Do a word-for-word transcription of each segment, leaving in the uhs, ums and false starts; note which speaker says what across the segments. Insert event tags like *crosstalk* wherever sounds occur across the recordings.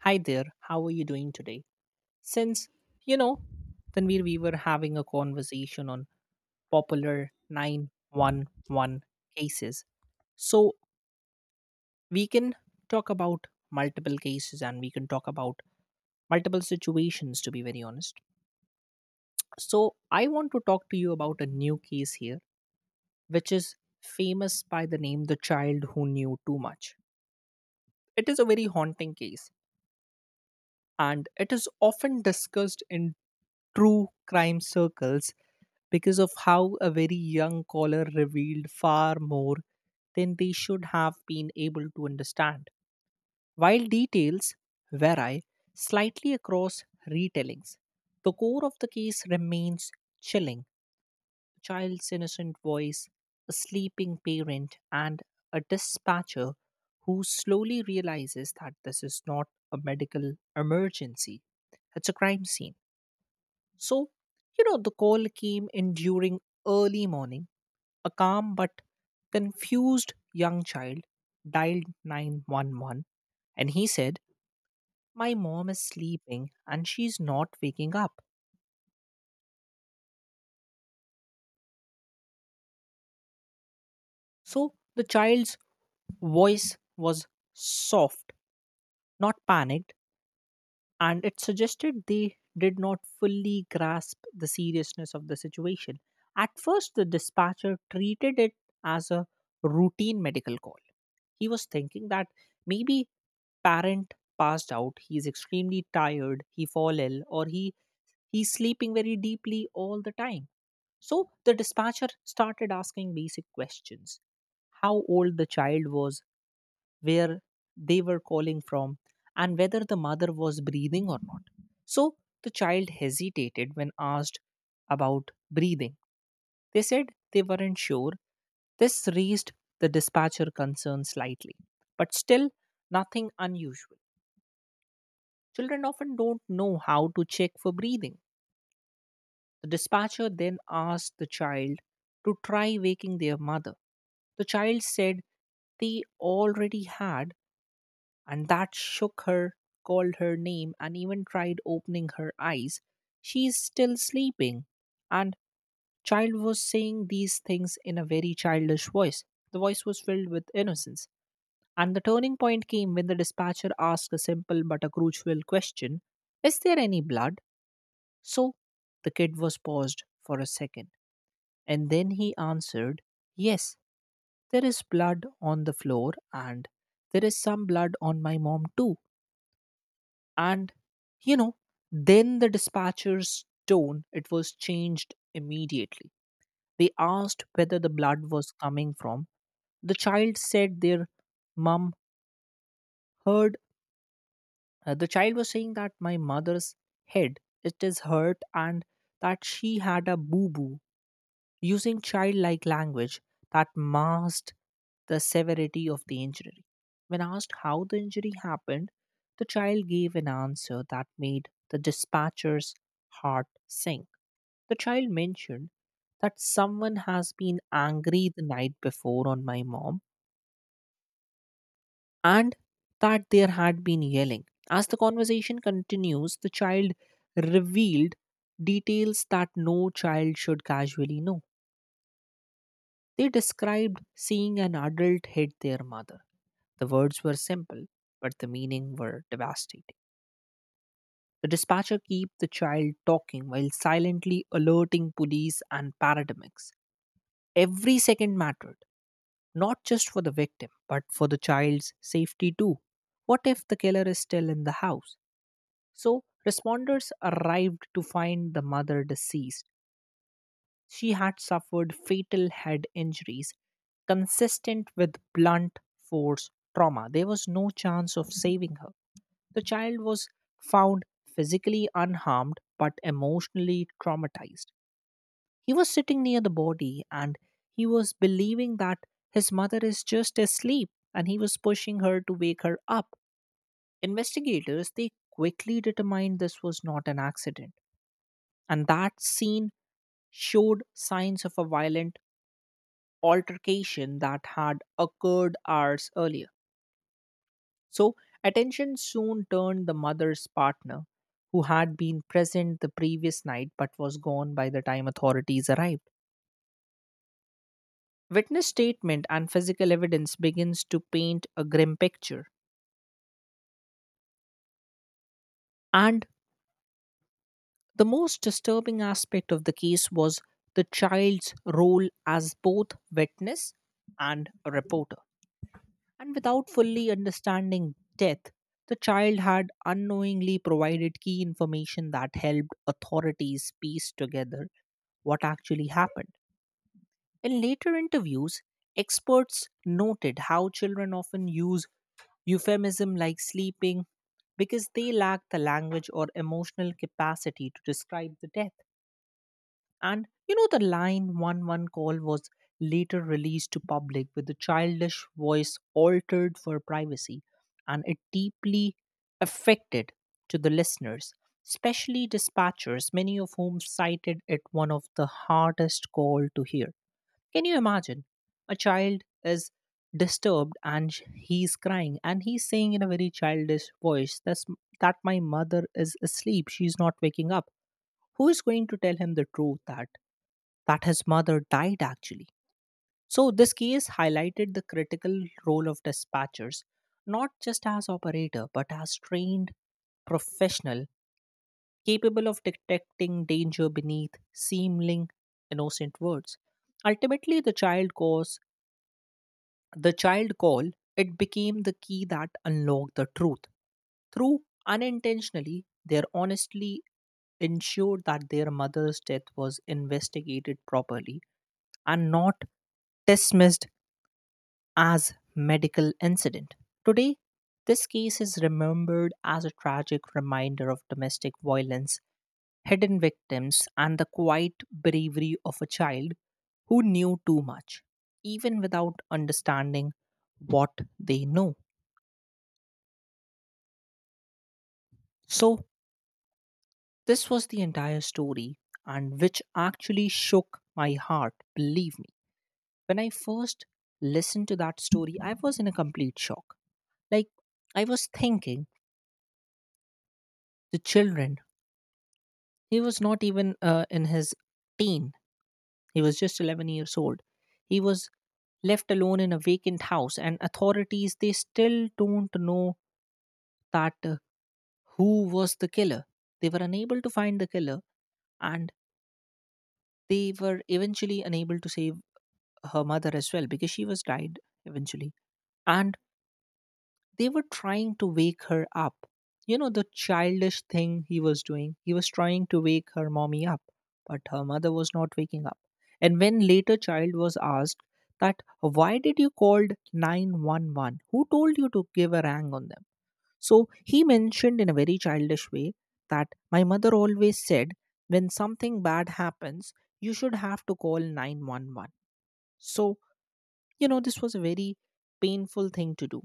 Speaker 1: Hi there, how are you doing today? Since, you know, Tanvir, we were having a conversation on popular nine one one cases. So we can talk about multiple cases and we can talk about multiple situations, to be very honest. So I want to talk to you about a new case here, which is famous by the name The Child Who Knew Too Much. It is a very haunting case and it is often discussed in true crime circles because of how a very young caller revealed far more than they should have been able to understand. While details vary slightly across retellings, the core of the case remains chilling. A child's innocent voice, a sleeping parent, and a dispatcher who slowly realizes that this is not a medical emergency, it's a crime scene. So, you know, the call came in during early morning, a calm but confused young child dialed nine one one and he said, "My mom is sleeping and she's not waking up." So the child's voice was soft, not panicked, and it suggested they did not fully grasp the seriousness of the situation. At first, the dispatcher treated it as a routine medical call. He was thinking that maybe parent passed out, he is extremely tired, he fall ill, or he he's sleeping very deeply all the time. So the dispatcher started asking basic questions. How old the child was, where they were calling from and whether the mother was breathing or not. So the child hesitated when asked about breathing. They said they weren't sure. This raised the dispatcher concern slightly, but still nothing unusual. Children often don't know how to check for breathing. The dispatcher then asked the child to try waking their mother. The child said they already had and that shook her, called her name, and even tried opening her eyes. She is still sleeping. And child was saying these things in a very childish voice. The voice was filled with innocence. And the turning point came when the dispatcher asked a simple but a crucial question: "Is there any blood?" So the kid was paused for a second. And then he answered, "Yes, there is blood on the floor, and there is some blood on my mom too." And, you know, then the dispatcher's tone, it was changed immediately. They asked whether the blood was coming from. The child said their mum heard, uh, the child was saying that my mother's head, it is hurt and that she had a boo-boo, using childlike language that masked the severity of the injury. When asked how the injury happened, the child gave an answer that made the dispatcher's heart sink. The child mentioned that someone has been angry the night before on my mom and that there had been yelling. As the conversation continues, the child revealed details that no child should casually know. They described seeing an adult hit their mother. The words were simple, but the meaning were devastating. The dispatcher kept the child talking while silently alerting police and paramedics. Every second mattered, not just for the victim, but for the child's safety too. What if the killer is still in the house? So, responders arrived to find the mother deceased. She had suffered fatal head injuries consistent with blunt force trauma. There was no chance of saving her. The child was found physically unharmed but emotionally traumatized. He was sitting near the body and he was believing that his mother is just asleep and he was pushing her to wake her up. Investigators they quickly determined this was not an accident and that scene showed signs of a violent altercation that had occurred hours earlier. So, attention soon turned the mother's partner, who had been present the previous night but was gone by the time authorities arrived. Witness statement and physical evidence begins to paint a grim picture. And the most disturbing aspect of the case was the child's role as both witness and a reporter. And without fully understanding death, the child had unknowingly provided key information that helped authorities piece together what actually happened. In later interviews, experts noted how children often use euphemism like sleeping because they lack the language or emotional capacity to describe the death. And you know, the line one-one call was later released to public with the childish voice altered for privacy, and it deeply affected to the listeners, especially dispatchers, many of whom cited it one of the hardest call to hear. Can you imagine? A child is disturbed and sh- he's crying and he's saying in a very childish voice that's, that my mother is asleep, she's not waking up. Who is going to tell him the truth that, that his mother died actually? So, this case highlighted the critical role of dispatchers, not just as operator, but as trained professional capable of detecting danger beneath seeming innocent words. Ultimately, the child cause the child call, it became the key that unlocked the truth. Through unintentionally, they honestly ensured that their mother's death was investigated properly and not dismissed as medical incident. Today, this case is remembered as a tragic reminder of domestic violence, hidden victims, and the quiet bravery of a child who knew too much, even without understanding what they know. So, this was the entire story, and which actually shook my heart, believe me. When I first listened to that story, I was in a complete shock. Like, I was thinking, the children, he was not even uh, in his teen. He was just eleven years old. He was left alone in a vacant house, and authorities they still don't know that uh, who was the killer. They were unable to find the killer, and they were eventually unable to save her mother as well because she was died eventually. And they were trying to wake her up. You know, the childish thing he was doing, he was trying to wake her mommy up, but her mother was not waking up. And when later child was asked that why did you called nine one one? Who told you to give a rang on them? So he mentioned in a very childish way that my mother always said when something bad happens, you should have to call nine one one. So, you know, this was a very painful thing to do.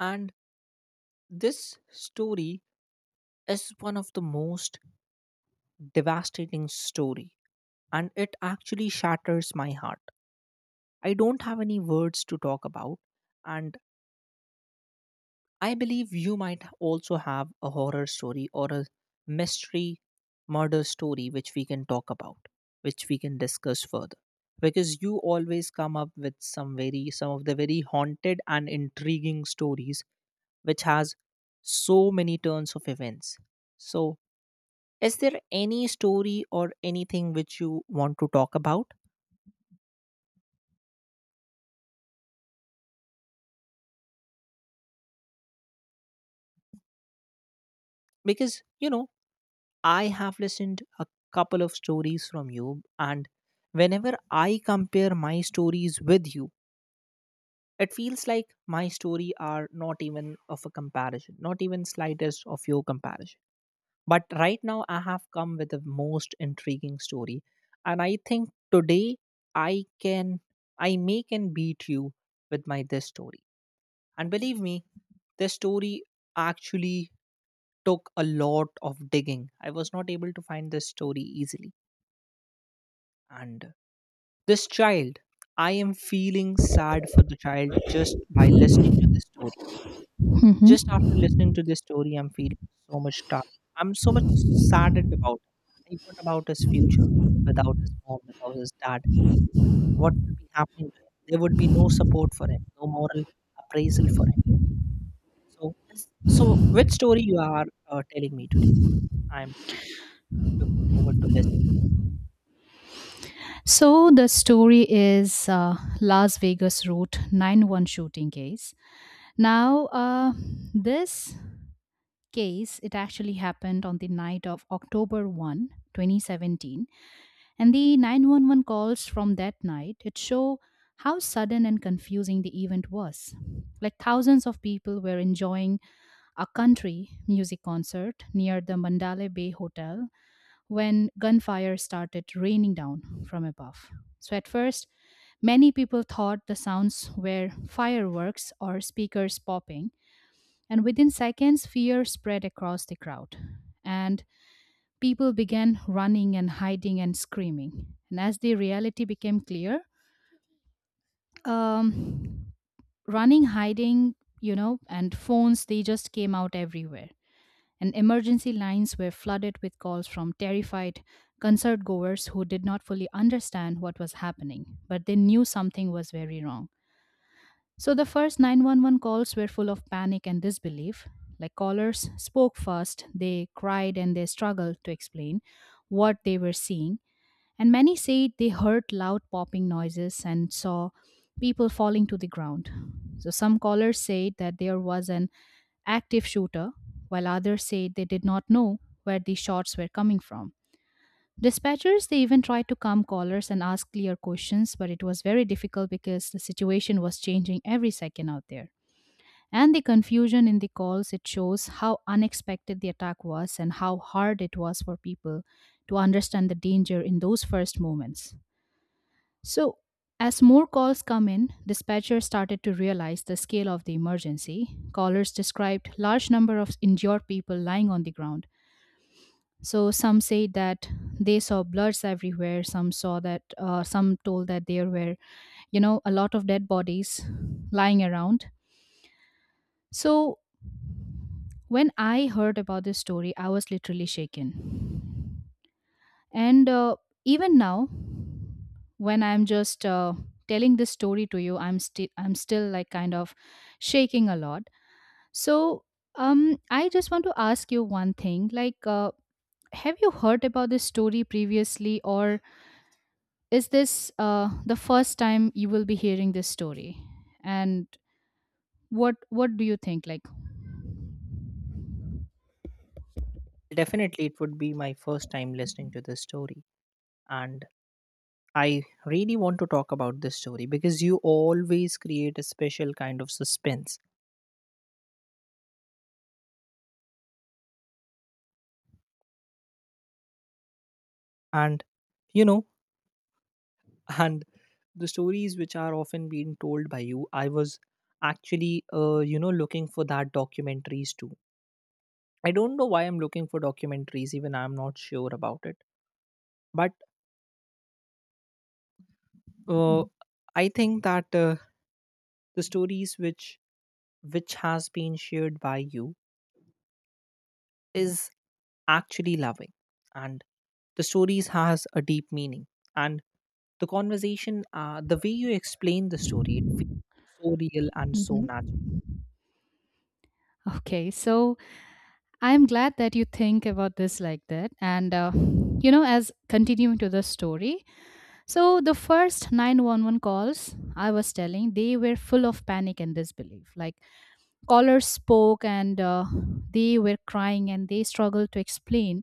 Speaker 1: And this story is one of the most devastating story and it actually shatters my heart. I don't have any words to talk about and I believe you might also have a horror story or a mystery murder story which we can talk about, which we can discuss further. Because you always come up with some very some of the very haunted and intriguing stories which has so many turns of events. So is there any story or anything which you want to talk about because you know I have listened a couple of stories from you and whenever I compare my stories with you, it feels like my story are not even of a comparison, not even slightest of your comparison, but right now I have come with the most intriguing story and I think today i can I may can beat you with my this story. And believe me, this story actually took a lot of digging. I was not able to find this story easily. And this child, I am feeling sad for the child just by listening to this story. Just
Speaker 2: Hmm.
Speaker 1: after listening to this story, I'm feeling so much dark. I'm so much saddened about it. Like, what about his future without his mom, without his dad? What would be happening to him? There would be no support for him, no moral appraisal for him. So, this, so which story you are uh, telling me today? I'm looking forward to listen to
Speaker 2: So the story is uh, Las Vegas Route ninety-one shooting case. Now, uh, this case it actually happened on the night of October first, twenty seventeen, and the nine one one calls from that night it show how sudden and confusing the event was. Like thousands of people were enjoying a country music concert near the Mandalay Bay Hotel when gunfire started raining down from above. So, at first, many people thought the sounds were fireworks or speakers popping, and within seconds, fear spread across the crowd. And people began running and hiding and screaming. And as the reality became clear, um, running, hiding, you know, and phones, they just came out everywhere. And emergency lines were flooded with calls from terrified concert goers who did not fully understand what was happening, but they knew something was very wrong. So the first nine one one calls were full of panic and disbelief. Like callers spoke first, they cried and they struggled to explain what they were seeing. And many said they heard loud popping noises and saw people falling to the ground. So some callers said that there was an active shooter, while others said they did not know where the shots were coming from. Dispatchers, they even tried to calm callers and ask clear questions, but it was very difficult because the situation was changing every second out there. And the confusion in the calls, it shows how unexpected the attack was and how hard it was for people to understand the danger in those first moments. So, as more calls come in, dispatchers started to realize the scale of the emergency. Callers described large number of injured people lying on the ground. So some say that they saw bloods everywhere. Some saw that. Uh, some told that there were, you know, a lot of dead bodies lying around. So when I heard about this story, I was literally shaken. And uh, even now, when I'm just uh, telling this story to you, I'm still I'm still like kind of shaking a lot. So um, I just want to ask you one thing. Like, uh, have you heard about this story previously, or is this uh, the first time you will be hearing this story? And what what do you think? Like,
Speaker 1: it. Definitely, it would be my first time listening to this story, and I really want to talk about this story because you always create a special kind of suspense, and you know, *laughs* and the stories which are often being told by you, I was actually, uh, you know, looking for that documentaries too. I don't know why I'm looking for documentaries, even I'm not sure about it, but uh, I think that uh, the stories which which has been shared by you is actually loving, and the stories has a deep meaning. And the conversation, uh, the way you explain the story, it feels so real and so
Speaker 2: mhm.
Speaker 1: natural.
Speaker 2: Okay, so I'm glad that you think about this like that. And, uh, you know, as continuing to the story, so the first nine one one calls I was telling, they were full of panic and disbelief. Like, callers spoke and uh, they were crying and they struggled to explain,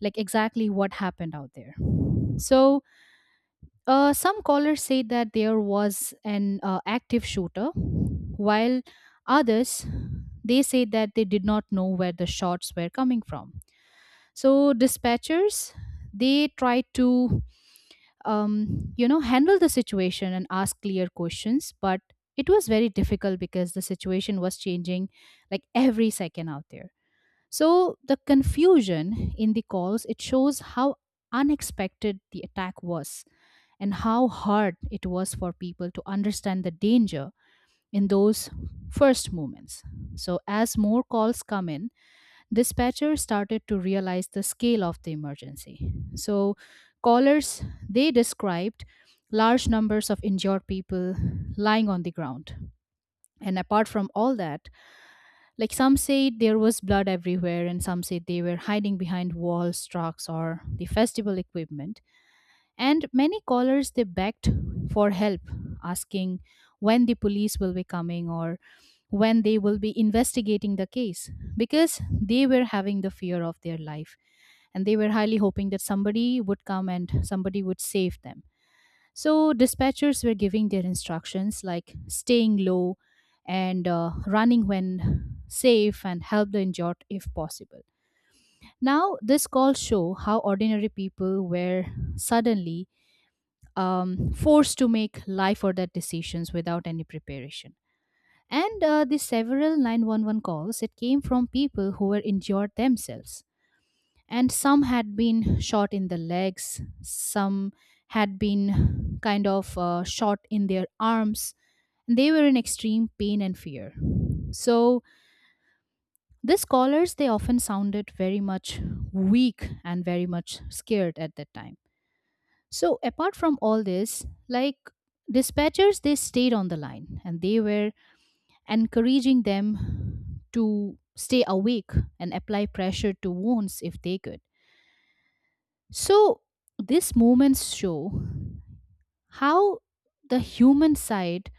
Speaker 2: like, exactly what happened out there. So, uh, some callers said that there was an uh, active shooter, while others they said that they did not know where the shots were coming from. So dispatchers they try to um, you know, handle the situation and ask clear questions, but it was very difficult because the situation was changing like every second out there. So the confusion in the calls, it shows how unexpected the attack was and how hard it was for people to understand the danger in those first moments. So as more calls come in, dispatchers started to realize the scale of the emergency. So callers they described large numbers of injured people lying on the ground. And apart from all that, like some said there was blood everywhere and some said they were hiding behind walls, trucks or the festival equipment, and many callers they begged for help, asking when the police will be coming or when they will be investigating the case, because they were having the fear of their life and they were highly hoping that somebody would come and somebody would save them. So dispatchers were giving their instructions like staying low and uh, running when safe and help the injured if possible. Now this call show how ordinary people were suddenly um, forced to make life or death decisions without any preparation. And uh, the several nine one one calls, it came from people who were injured themselves. And some had been shot in the legs, some had been kind of uh, shot in their arms. They were in extreme pain and fear. So these callers, they often sounded very much weak and very much scared at that time. So apart from all this, like dispatchers, they stayed on the line and they were encouraging them to stay awake and apply pressure to wounds if they could. So these moments show how the human side,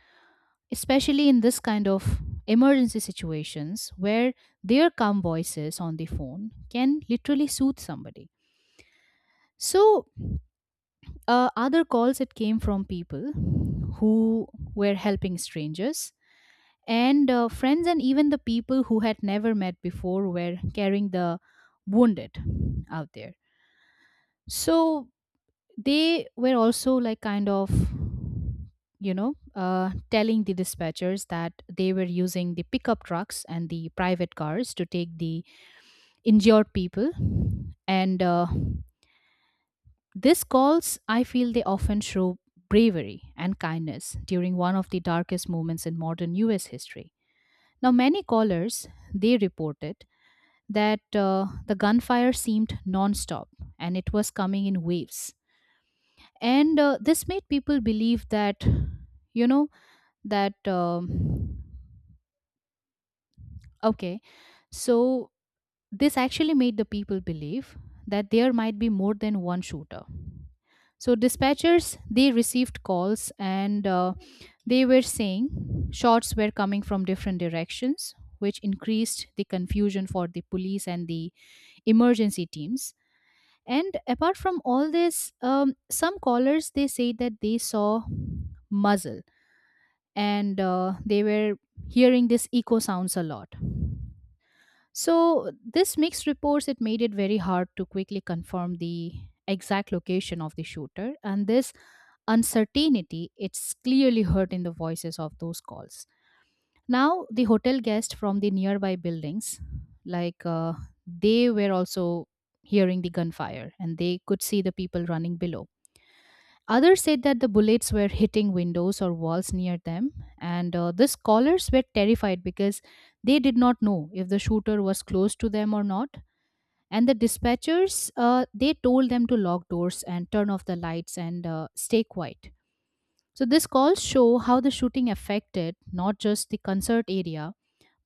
Speaker 2: especially in this kind of emergency situations where their calm voices on the phone can literally soothe somebody. So Uh, other calls it came from people who were helping strangers and uh, friends, and even the people who had never met before were carrying the wounded out there. So they were also like kind of you know uh, telling the dispatchers that they were using the pickup trucks and the private cars to take the injured people. And uh, these calls, I feel they often show bravery and kindness during one of the darkest moments in modern U S history. Now, many callers, they reported that uh, the gunfire seemed nonstop and it was coming in waves. And uh, this made people believe that, you know, that, um, okay, so this actually made the people believe that there might be more than one shooter. So dispatchers they received calls and uh, they were saying shots were coming from different directions, which increased the confusion for the police and the emergency teams. And apart from all this, um, some callers they say that they saw muzzle and uh, they were hearing this echo sounds a lot. So this mixed reports it made it very hard to quickly confirm the exact location of the shooter, and this uncertainty it's clearly heard in the voices of those calls. Now the hotel guests from the nearby buildings, like uh, they were also hearing the gunfire and they could see the people running below. Others said that the bullets were hitting windows or walls near them, and uh, these callers were terrified because they did not know if the shooter was close to them or not. And the dispatchers uh, they told them to lock doors and turn off the lights and uh, stay quiet. So these calls show how the shooting affected not just the concert area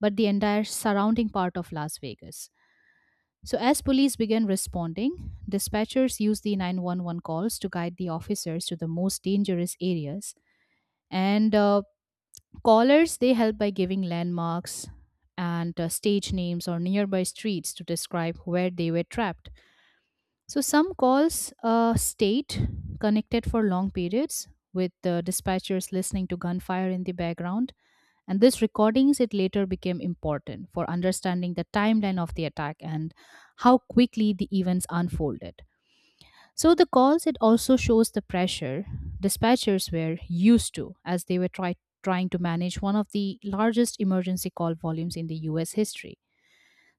Speaker 2: but the entire surrounding part of Las Vegas. So as police began responding, dispatchers used the nine one one calls to guide the officers to the most dangerous areas, and uh, callers they helped by giving landmarks and uh, stage names or nearby streets to describe where they were trapped. So some calls uh, state connected for long periods with the dispatchers listening to gunfire in the background. And these recordings, it later became important for understanding the timeline of the attack and how quickly the events unfolded. So the calls, it also shows the pressure dispatchers were used to as they were try- trying to manage one of the largest emergency call volumes in the U S history.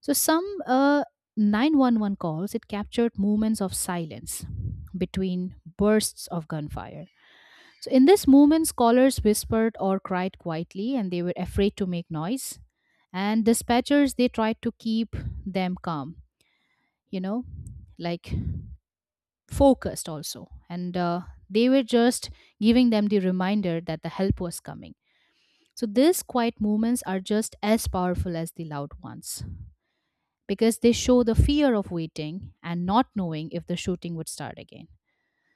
Speaker 2: So some uh, nine one one calls, it captured moments of silence between bursts of gunfire. So in this moment, scholars whispered or cried quietly and they were afraid to make noise. And dispatchers, they tried to keep them calm, you know, like focused also. And uh, they were just giving them the reminder that the help was coming. So these quiet moments are just as powerful as the loud ones, because they show the fear of waiting and not knowing if the shooting would start again.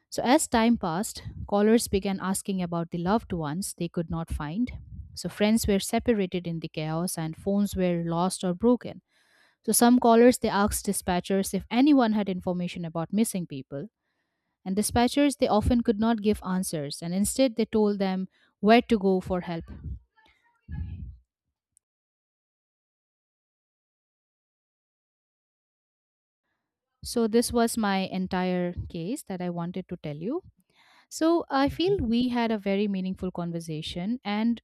Speaker 2: So, as time passed, callers began asking about the loved ones they could not find. So, friends were separated in the chaos and phones were lost or broken. So, some callers they asked dispatchers if anyone had information about missing people. And dispatchers they often could not give answers and instead they told them where to go for help. So, this was my entire case that I wanted to tell you. So I
Speaker 1: Mhm.
Speaker 2: feel we had a very meaningful conversation. And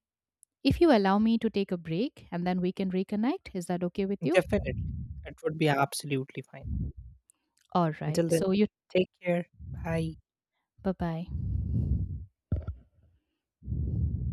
Speaker 2: if you allow me to take a break and then we can reconnect, is that okay with you?
Speaker 1: Definitely, it would be absolutely fine.
Speaker 2: All right.
Speaker 1: Until then,
Speaker 2: So you,
Speaker 1: take care. Bye.
Speaker 2: bye bye.